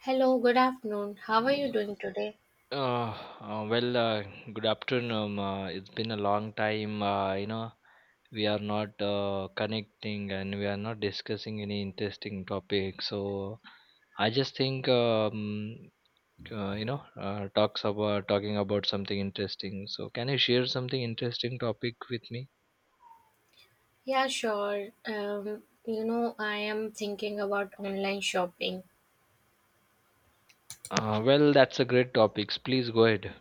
Hello, good afternoon. How are you doing today? Uh, uh, well, uh, Good afternoon. It's been a long time. We are not connecting and we are not discussing any interesting topic. So I just think you know, talks about talking about something interesting. So can you share something interesting topic with me? Yeah, sure. You know, I am thinking about online shopping. Well, that's a great topic. Please go ahead.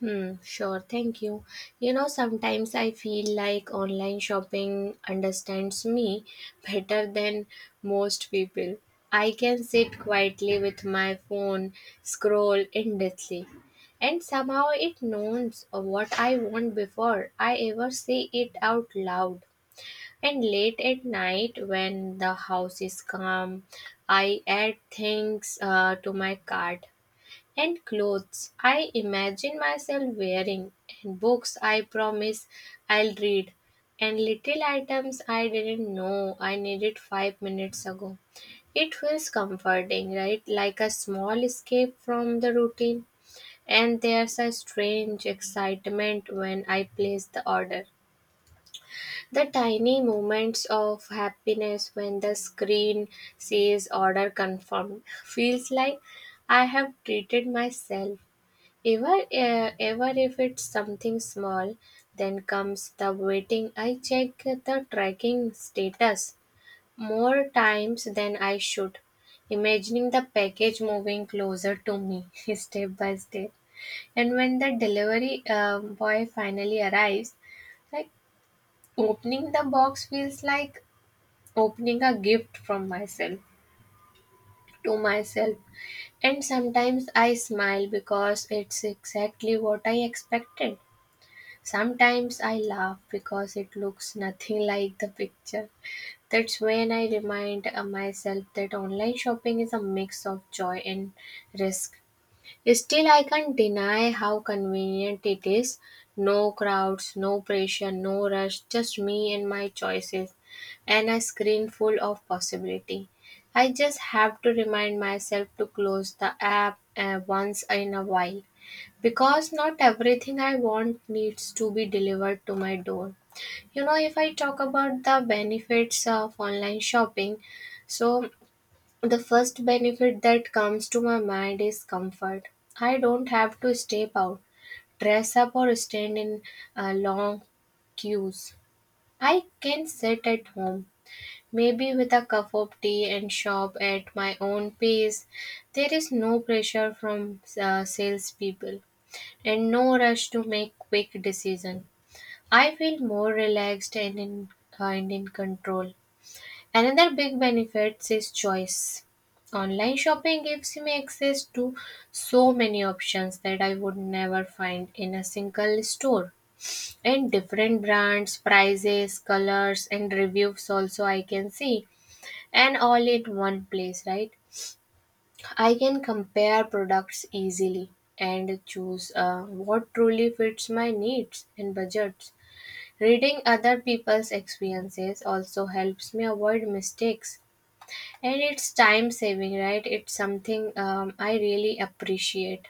Hmm, sure, thank you. You know, sometimes I feel like online shopping understands me better than most people. I can sit quietly with my phone, scroll endlessly, and somehow it knows what I want before I ever say it out loud. And late at night, when the house is calm, I add things to my cart and clothes I imagine myself wearing, and books I promise I'll read, and little items I didn't know I needed five minutes ago. It feels comforting, right? Like a small escape from the routine. And there's a strange excitement when I place the order. The tiny moments of happiness when the screen says order confirmed feels like I have treated myself. Ever, ever if it's something small, then comes the waiting. I check the tracking status more times than I should, imagining the package moving closer to me step by step. And when the delivery boy finally arrives, like opening the box feels like opening a gift from myself to myself, and sometimes I smile because it's exactly what I expected. Sometimes I laugh because it looks nothing like the picture. That's when I remind myself that online shopping is a mix of joy and risk. Still, I can't deny how convenient it is. No crowds, no pressure, no rush, just me and my choices, and a screen full of possibility. I just have to remind myself to close the app once in a while because not everything I want needs to be delivered to my door. You know, if I talk about the benefits of online shopping, so the first benefit that comes to my mind is comfort. I don't have to step out, dress up, or stand in long queues. I can sit at home, maybe with a cup of tea, and shop at my own pace. There is no pressure from salespeople and no rush to make quick decisions. I feel more relaxed and in control. Another big benefit is choice. Online shopping gives me access to so many options that I would never find in a single store. And different brands, prices, colors, and reviews also I can see. And all in one place, right? I can compare products easily and choose what truly fits my needs and budgets. Reading other people's experiences also helps me avoid mistakes, and it's time saving, right? It's something I really appreciate,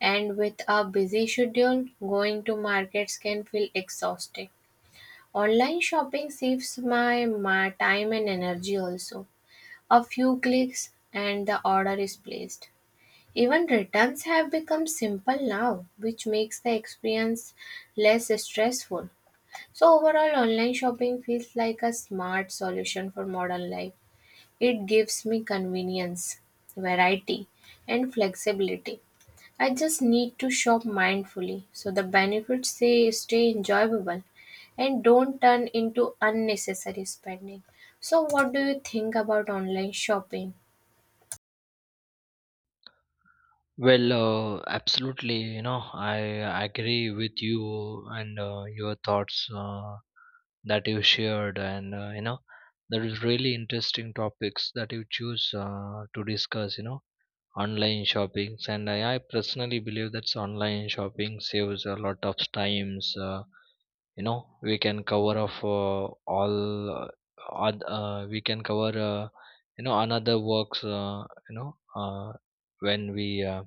and with a busy schedule, going to markets can feel exhausting. Online shopping saves my time and energy also. A few clicks and the order is placed. Even returns have become simple now, which makes the experience less stressful. So overall, online shopping feels like a smart solution for modern life. It gives me convenience, variety, and flexibility. I just need to shop mindfully so the benefits they stay enjoyable and don't turn into unnecessary spending. So what do you think about online shopping? Well, absolutely. You know, I agree with you and your thoughts that you shared, and there is really interesting topics that you choose to discuss. You know, online shoppings, and I personally believe that online shopping saves a lot of times. We can cover off all. We can cover, another works. You know, uh, when we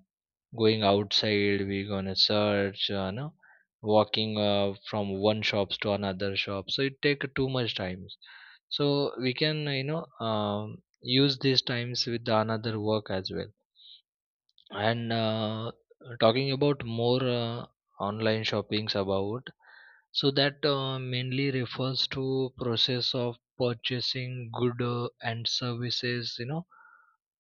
going outside we gonna search no walking from one shops to another shop so it take too much time, so we can use these times with the another work as well, and talking about more online shoppings about, so that mainly refers to process of purchasing good and services, you know,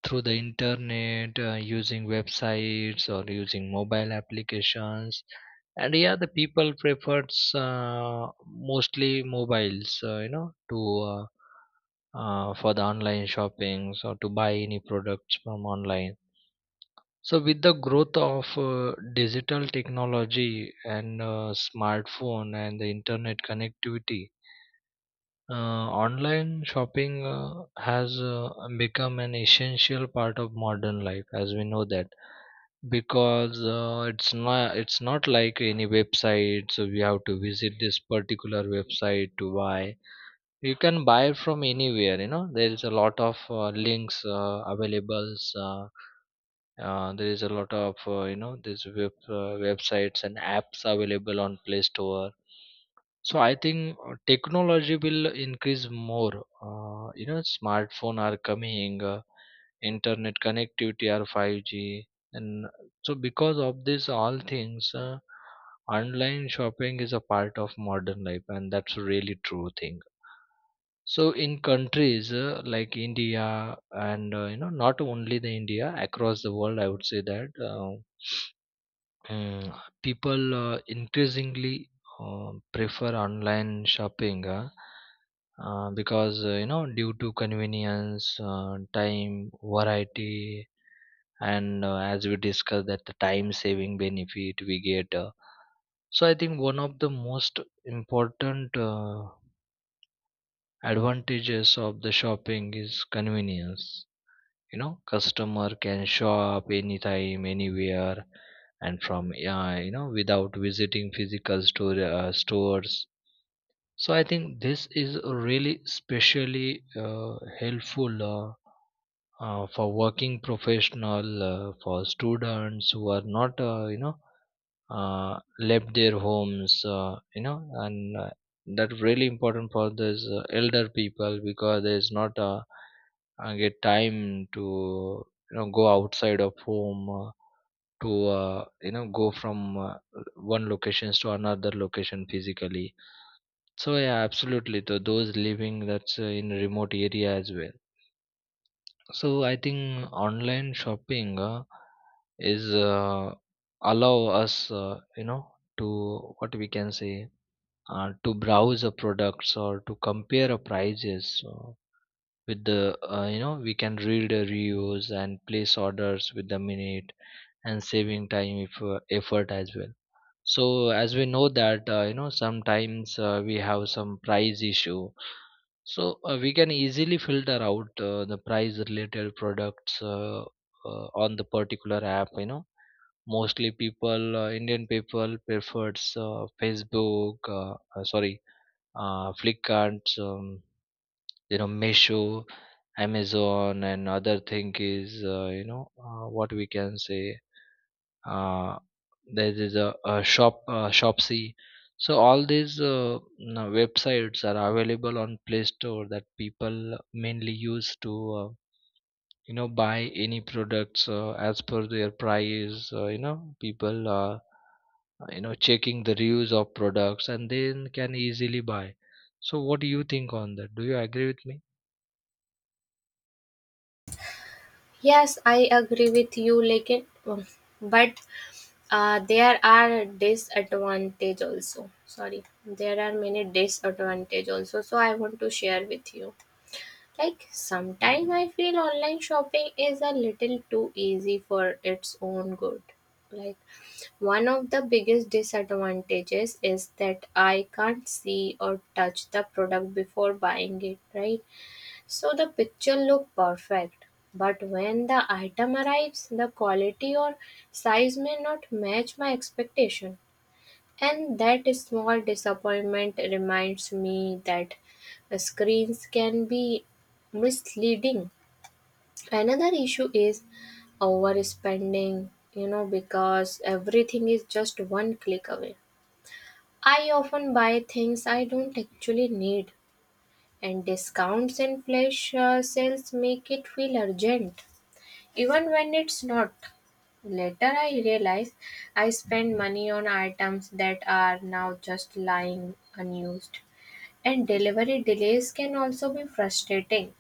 through the internet, using websites or using mobile applications. And yeah, the people prefers mostly mobiles, you know, to uh, for the online shoppings or to buy any products from online. So with the growth of digital technology and smartphone and the internet connectivity, online shopping has become an essential part of modern life, as we know that because it's not like any website, so we have to visit this particular website to buy. You can buy from anywhere, you know, there is a lot of links available, there is a lot of this websites and apps available on Play Store. So I think technology will increase more. Smartphone are coming, internet connectivity are 5G, and so because of this, all things, online shopping is a part of modern life, and that's a really true thing. So in countries like India and not only the India, across the world, I would say that. Mm, People increasingly prefer online shopping, because due to convenience, time, variety, and as we discussed that the time saving benefit we get. So I think one of the most important advantages of the shopping is convenience. You know, customer can show up anytime anywhere and from without visiting physical store, stores. So I think this is really specially helpful, for working professional, for students who are not left their homes, and that really important for these elder people because there's not a, get time to, you know, go outside of home, to you know go from one locations to another location physically. So yeah, absolutely, so those living that's in remote area as well. So I think online shopping is allow us, to what we can say to browse the products or to compare a prices, with the we can read the reviews and place orders with the minute and saving time if effort as well. So as we know that sometimes we have some price issue. So we can easily filter out the price related products on the particular app. You know, mostly people, Indian people, prefers Facebook. Sorry, Flipkart. Meesho, Amazon, and other thing is what we can say uh, there is a shopsy. So all these no, websites are available on Play Store that people mainly use to buy any products as per their price, people checking the reviews of products and then can easily buy. So what do you think on that? Do you agree with me? Yes, I agree with you like it, but there are disadvantage also. Sorry, there are many disadvantage also. So I want to share with you. Like sometimes I feel online shopping is a little too easy for its own good. Like one of the biggest disadvantages is that I can't see or touch the product before buying it, right? So the picture look perfect, but when the item arrives, the quality or size may not match my expectation. And that small disappointment reminds me that screens can be misleading. Another issue is overspending, you know, because everything is just one click away. I often buy things I don't actually need, and discounts and flash sales make it feel urgent, even when it's not. Later, I realized I spend money on items that are now just lying unused. And delivery delays can also be frustrating.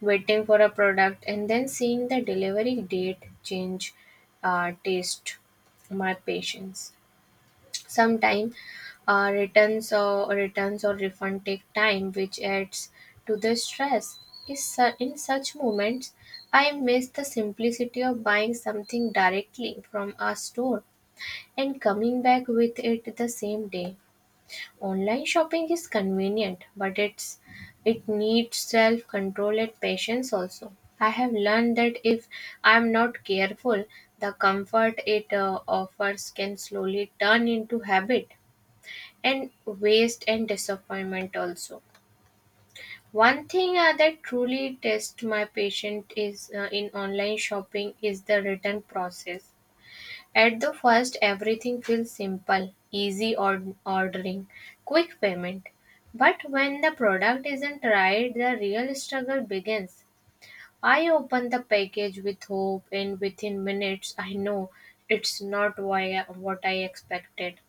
Waiting for a product and then seeing the delivery date change taste my patience. Sometimes returns or refund take time, which adds to the stress. In such moments, I miss the simplicity of buying something directly from a store and coming back with it the same day. Online shopping is convenient, but it needs self control and patience also. I have learned that if I'm not careful, the comfort it offers can slowly turn into habit and waste and disappointment also. One thing that truly tests my patience is in online shopping is the return process. At the first, everything feels simple, easy, ordering, quick payment. But when the product isn't right, the real struggle begins. I open the package with hope, and within minutes I know it's not why what I expected.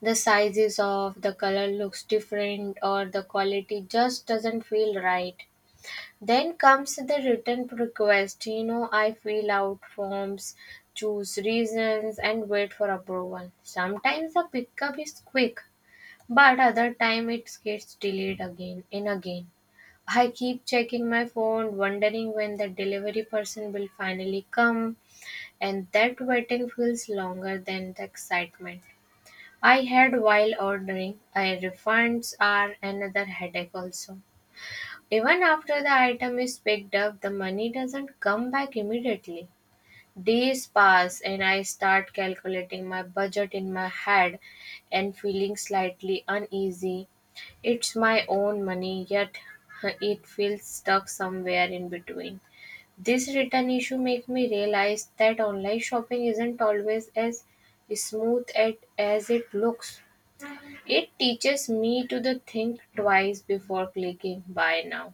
The sizes of the color looks different, or the quality just doesn't feel right. Then comes the written request. You know, I fill out forms, choose reasons, and wait for approval. Sometimes the pickup is quick, but other time it gets delayed again and again. I keep checking my phone, wondering when the delivery person will finally come, and that waiting feels longer than the excitement I had while ordering. I refunds are another headache also. Even after the item is picked up, the money doesn't come back immediately. Days pass and I start calculating my budget in my head and feeling slightly uneasy. It's my own money, yet it feels stuck somewhere in between. This return issue makes me realize that online shopping isn't always as smooth as it looks. It teaches me to the think twice before clicking buy now,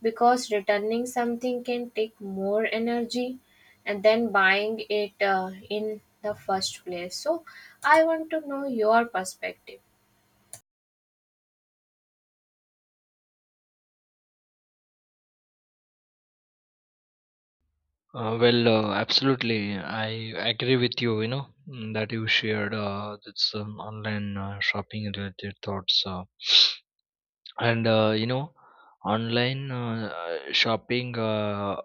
because returning something can take more energy and then buying it in the first place. So I want to know your perspective. Well, absolutely. I agree with you, that you shared this online shopping related thoughts. And online shopping.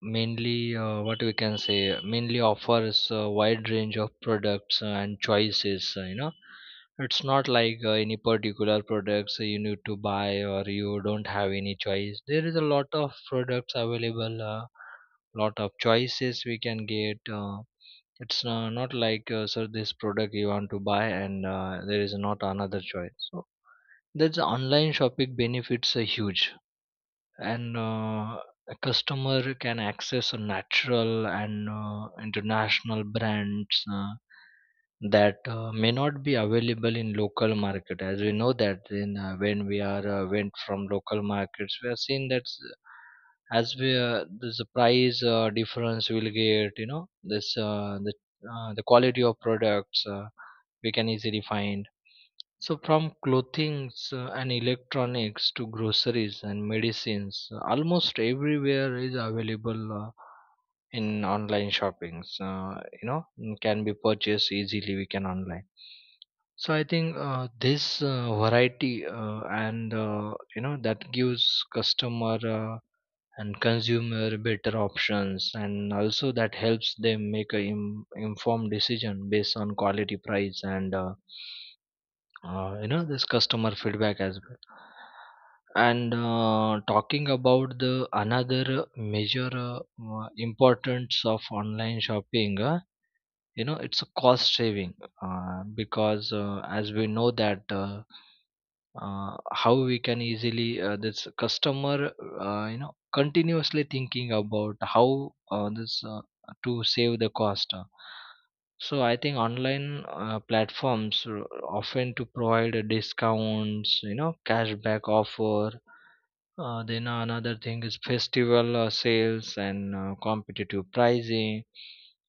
Mainly what we can say mainly offers a wide range of products and choices. It's not like any particular products you need to buy, or you don't have any choice. There is a lot of products available, lot of choices we can get. It's not like, so this product you want to buy, and there is not another choice, so that's online shopping benefits are huge. And a customer can access a natural and international brands that may not be available in local market. As we know that in when we are went from local markets, we are seeing that, s- as we there's a price difference we'll get, you know this, the quality of products we can easily find. So, from clothing, so, and electronics to groceries and medicines, almost everywhere is available in online shoppings. Can be purchased easily. We can online. So, I think this variety and that gives customer and consumer better options, and also that helps them make a informed decision based on quality, price, and this customer feedback as well. And talking about the another major importance of online shopping, it's a cost saving. Because as we know that, how we can easily this customer continuously thinking about how this to save the cost. So I think online platforms often to provide a discounts, you know, cashback offer. Then another thing is festival sales and competitive pricing.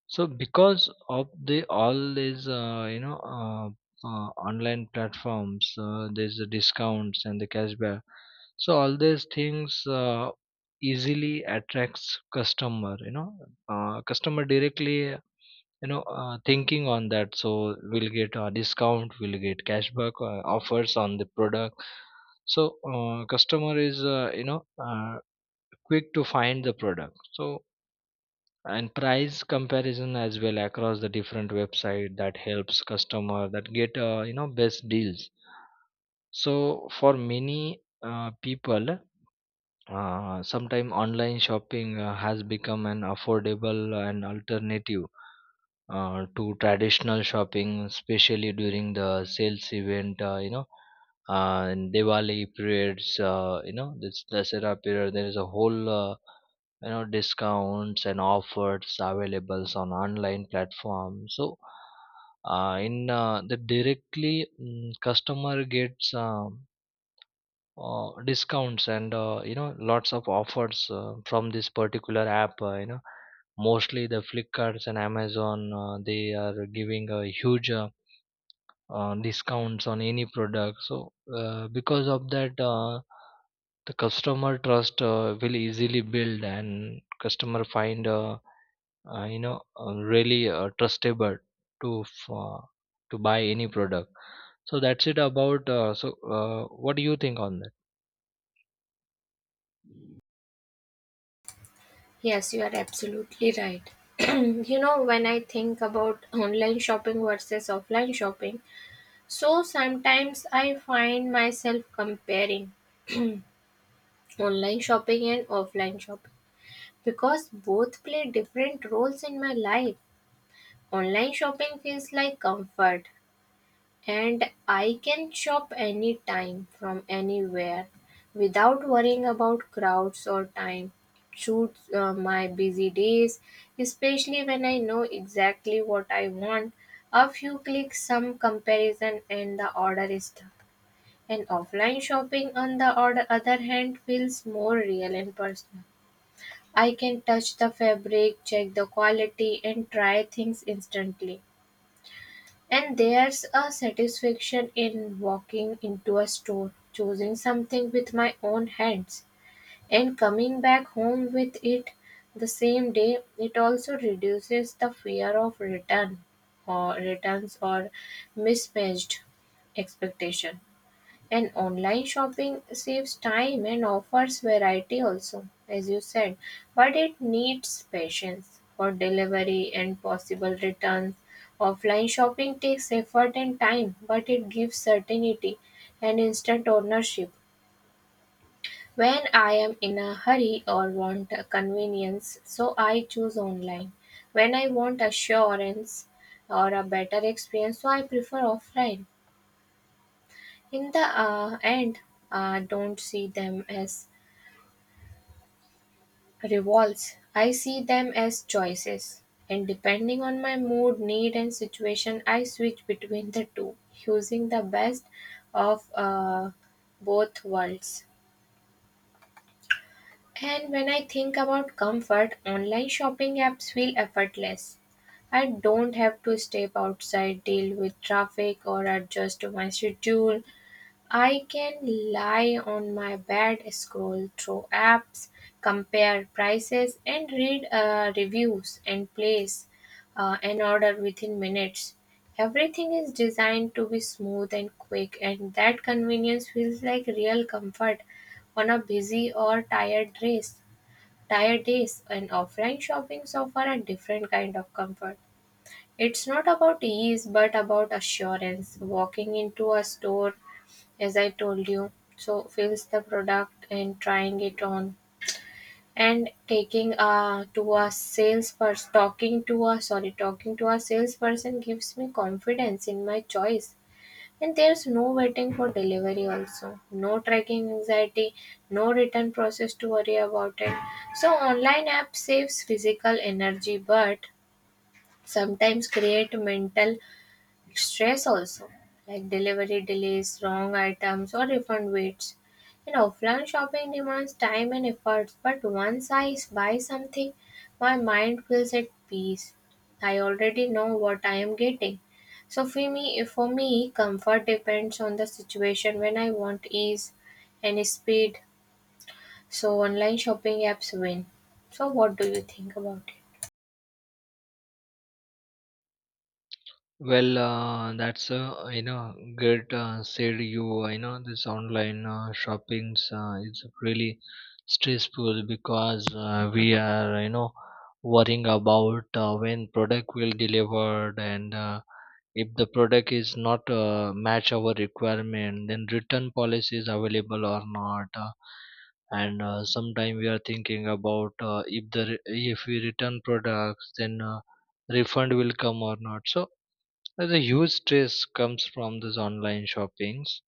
So because of the all these online platforms, there's the discounts and the cashback. So all these things easily attracts customer. You know, customer directly, thinking on that, so we'll get a discount, we'll get cashback offers on the product. So customer is quick to find the product. So and price comparison as well across the different website that helps customer that get best deals. So for many people, sometime online shopping has become an affordable and alternative to traditional shopping, especially during the sales event, and Diwali periods, this Dasara period, there is a whole, discounts and offers available on online platform. So, in the directly, customer gets discounts and lots of offers from this particular app, mostly the Flipkarts and Amazon they are giving a huge discounts on any product. So because of that, the customer trust will easily build and customer find really trustable to f- uh, to buy any product. So that's it about, so what do you think on that? Yes, you are absolutely right. You know, when I think about online shopping versus offline shopping, so sometimes I find myself comparing online shopping and offline shopping, because both play different roles in my life. Online shopping feels like comfort, and I can shop anytime from anywhere without worrying about crowds or time. It suits my busy days, especially when I know exactly what I want. A few clicks, some comparison, and the order is done. And offline shopping, on the other hand, feels more real and personal. I can touch the fabric, check the quality, and try things instantly. And there's a satisfaction in walking into a store, choosing something with my own hands, and coming back home with it the same day. It also reduces the fear of returns or mismatched expectation. And online shopping saves time and offers variety also, as you said, but it needs patience for delivery and possible returns. Offline shopping takes effort and time, but it gives certainty and instant ownership. When I am in a hurry or want a convenience, so I choose online. When I want assurance or a better experience, so I prefer offline. In the end, I don't see them as revolts. I see them as choices. And depending on my mood, need, and situation, I switch between the two, using the best of both worlds. And when I think about comfort, online shopping apps feel effortless. I don't have to step outside, deal with traffic, or adjust to my schedule. I can lie on my bed, scroll through apps, compare prices, and read reviews and place an order within minutes. Everything is designed to be smooth and quick, and that convenience feels like real comfort on a busy or tired days. Tired days and offline shopping offer a different kind of comfort. It's not about ease but about assurance. Walking into a store, as I told you, so fills the product and trying it on and taking to a salesperson, talking to a salesperson gives me confidence in my choice. And there's no waiting for delivery also, no tracking anxiety, no return process to worry about it. So online app saves physical energy, but sometimes create mental stress also, like delivery delays, wrong items, or refund waits. You know, offline shopping demands time and effort, but once I buy something, my mind feels at peace. I already know what I am getting. So for me, comfort depends on the situation when I want ease and speed. So online shopping apps win. So what do you think about it? Well, that's good said you, you know this online shoppings is really stressful because we are, you know, worrying about when product will delivered, and if the product is not match our requirement, then return policy is available or not. And sometime we are thinking about if we return products, then refund will come or not. So there's a huge stress comes from this online shoppings,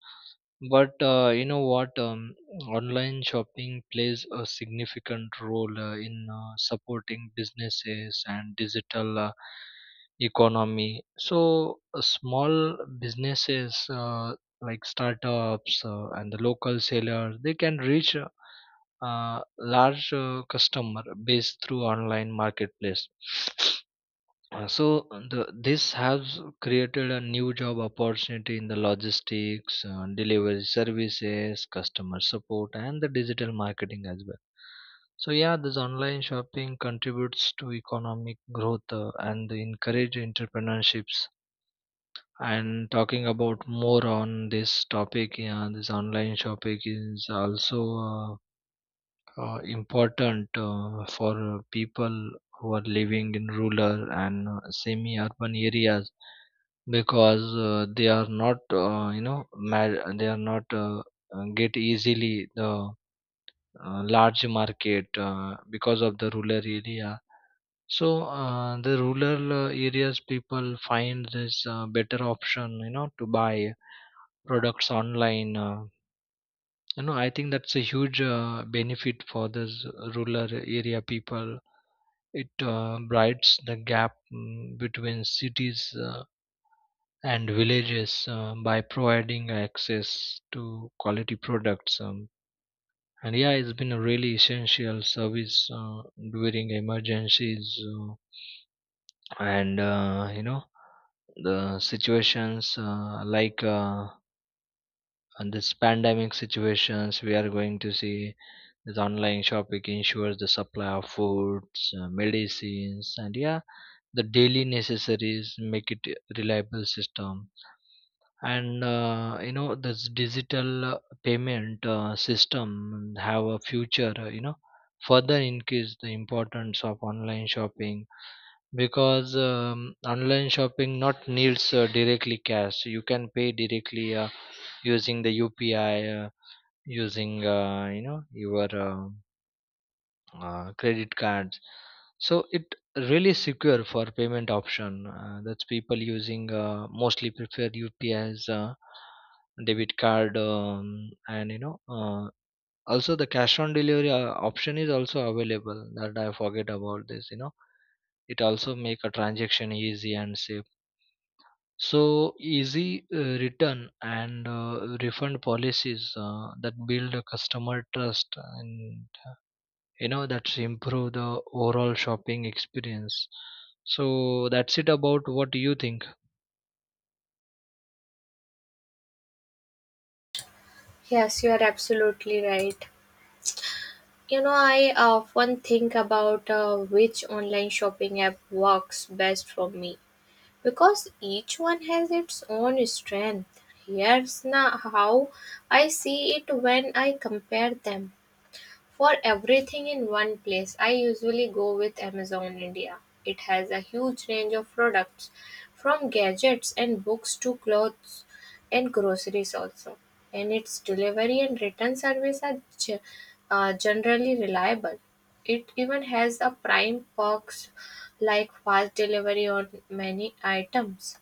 but you know what? Online shopping plays a significant role in supporting businesses and digital economy. So small businesses like startups and the local sellers they can reach large customer base through online marketplace. So this has created a new job opportunity in the logistics, delivery services, customer support, and the digital marketing as well. So yeah, this online shopping contributes to economic growth and encourage entrepreneurships. And talking about more on this topic, yeah, this online shopping is also important for people who are living in rural and semi urban areas because they are not get easily the large market because of the rural area. So the rural areas people find this better option, you know, to buy products online. I think that's a huge benefit for those rural area people. It bridges the gap, between cities uh, and villages by providing access to quality products, and yeah, it's been a really essential service during emergencies, and the situations, and this pandemic situations we are going to see. This online shopping ensures the supply of foods, medicines, and yeah, the daily necessities make it a reliable system. And this digital payment system have a future. You know, further increase the importance of online shopping because online shopping not needs directly cash. You can pay directly using the UPI, using your. Credit cards, so it really secure for payment option that's people using mostly prefer ups, debit card, and you know also the cash on delivery option is also available, that I forget about this, you know. It also make a transaction easy and safe. So easy return and refund policies that build a customer trust, and that's improve the overall shopping experience. So that's it about. What do you think? Yes, you are absolutely right. You know, I often think about which online shopping app works best for me because each one has its own strength. Here's now how I see it when I compare them. For everything in one place, I usually go with Amazon India. It has a huge range of products, from gadgets and books to clothes and groceries also. And its delivery and return service are generally reliable. It even has a prime perks like fast delivery on many items.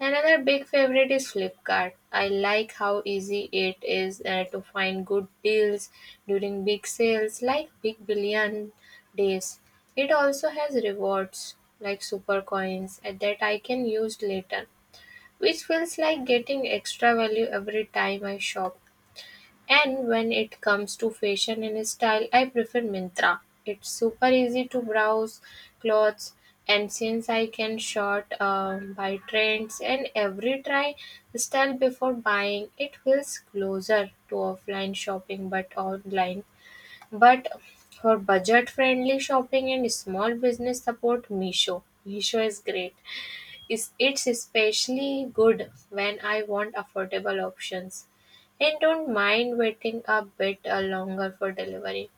Another big favorite is Flipkart. I like how easy it is to find good deals during big sales like Big Billion Days. It also has rewards like super coins that I can use later, which feels like getting extra value every time I shop. And when it comes to fashion and style, I prefer Mintra. It's super easy to browse clothes, and since I can sort by trends and every try style before buying, it feels closer to offline shopping but online. But for budget friendly shopping and small business support, Misho. Misho is great is it's especially good when I want affordable options and don't mind waiting a bit longer for delivery.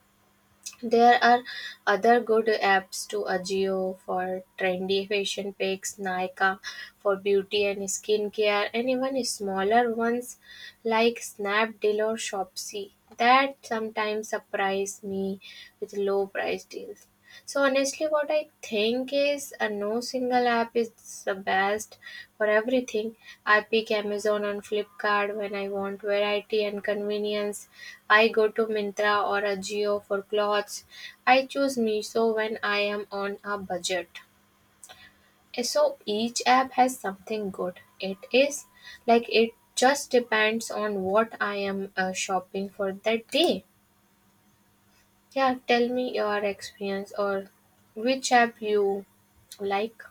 There are other good apps to Ajio for trendy fashion picks, Nykaa for beauty and skincare, and even smaller ones like Snapdeal or Shopsy that sometimes surprise me with low price deals. So honestly, what I think is a no single app is the best for everything. I pick Amazon and Flipkart when I want variety and convenience. I go to Mintra or Ajio for clothes. I choose Miso when I am on a budget. So each app has something good. It is like it just depends on what I am shopping for that day. Yeah, tell me your experience or which app you like.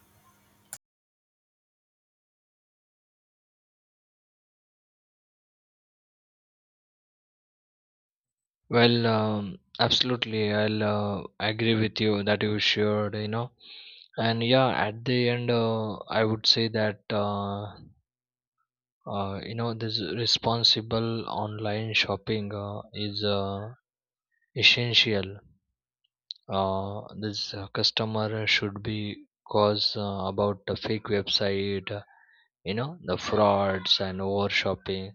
Well, absolutely, I'll agree with you that you shared, you know, and yeah, at the end I would say that, this responsible online shopping is essential. This customer should be cause about the fake website, you know, the frauds and over shopping.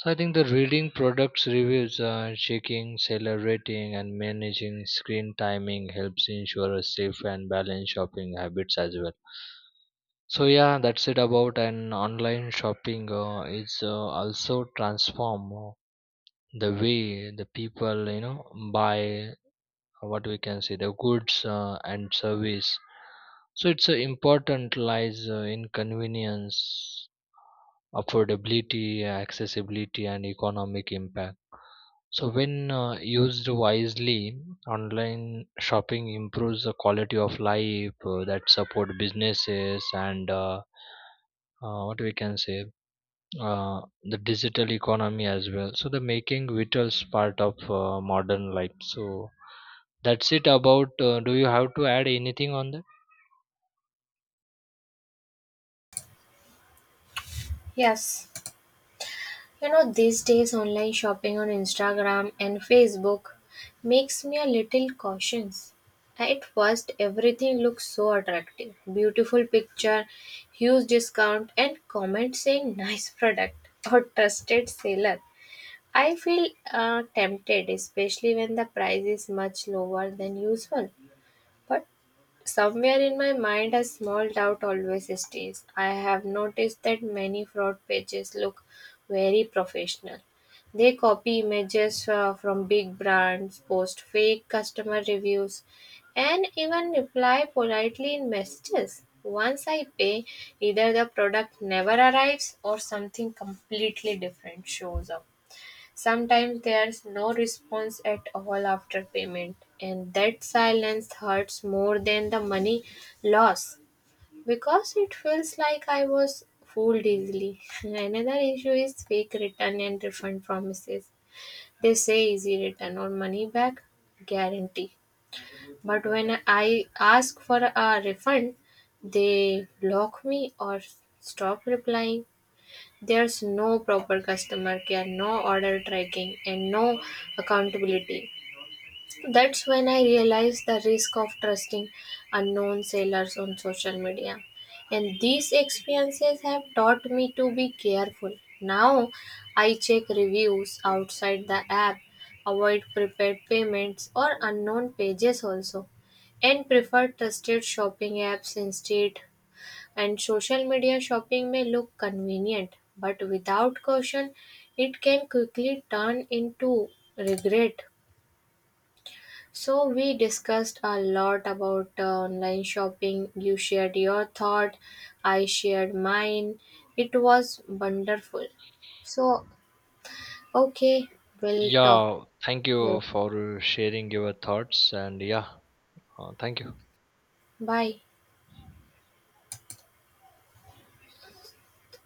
So I think the reading products reviews, checking seller rating and managing screen timing helps ensure a safe and balanced shopping habits as well. So yeah, that's it about an online shopping is also transform the way the people, you know, buy, uh, what we can say, the goods and service. So it's important lies in convenience, affordability, accessibility, and economic impact. So, when used wisely, online shopping improves the quality of life that support businesses and what we can say the digital economy as well. So, the making vitals part of modern life. So, that's it about. Do you have to add anything on that? Yes, you know, these days online shopping on Instagram and Facebook makes me a little cautious. At first, everything looks so attractive, beautiful picture, huge discount, and comment saying nice product or trusted seller. I feel tempted, especially when the price is much lower than usual. But somewhere in my mind, a small doubt always stays. I have noticed that many fraud pages look very professional. They copy images from big brands, post fake customer reviews, and even reply politely in messages. Once I pay, either the product never arrives or something completely different shows up. Sometimes there's no response at all after payment, and that silence hurts more than the money loss, because it feels like I was fooled easily. Another issue is fake return and refund promises. They say easy return or money back guarantee, but when I ask for a refund, they block me or stop replying. There's no proper customer care, no order tracking, and no accountability. That's when I realized the risk of trusting unknown sellers on social media. And these experiences have taught me to be careful. Now I check reviews outside the app, avoid prepaid payments or unknown pages also, and prefer trusted shopping apps instead. And social media shopping may look convenient, but without caution, it can quickly turn into regret. So, we discussed a lot about online shopping. You shared your thought, I shared mine. It was wonderful. So, okay, we'll talk Yeah, thank later. you for sharing your thoughts, and yeah, thank you. Bye.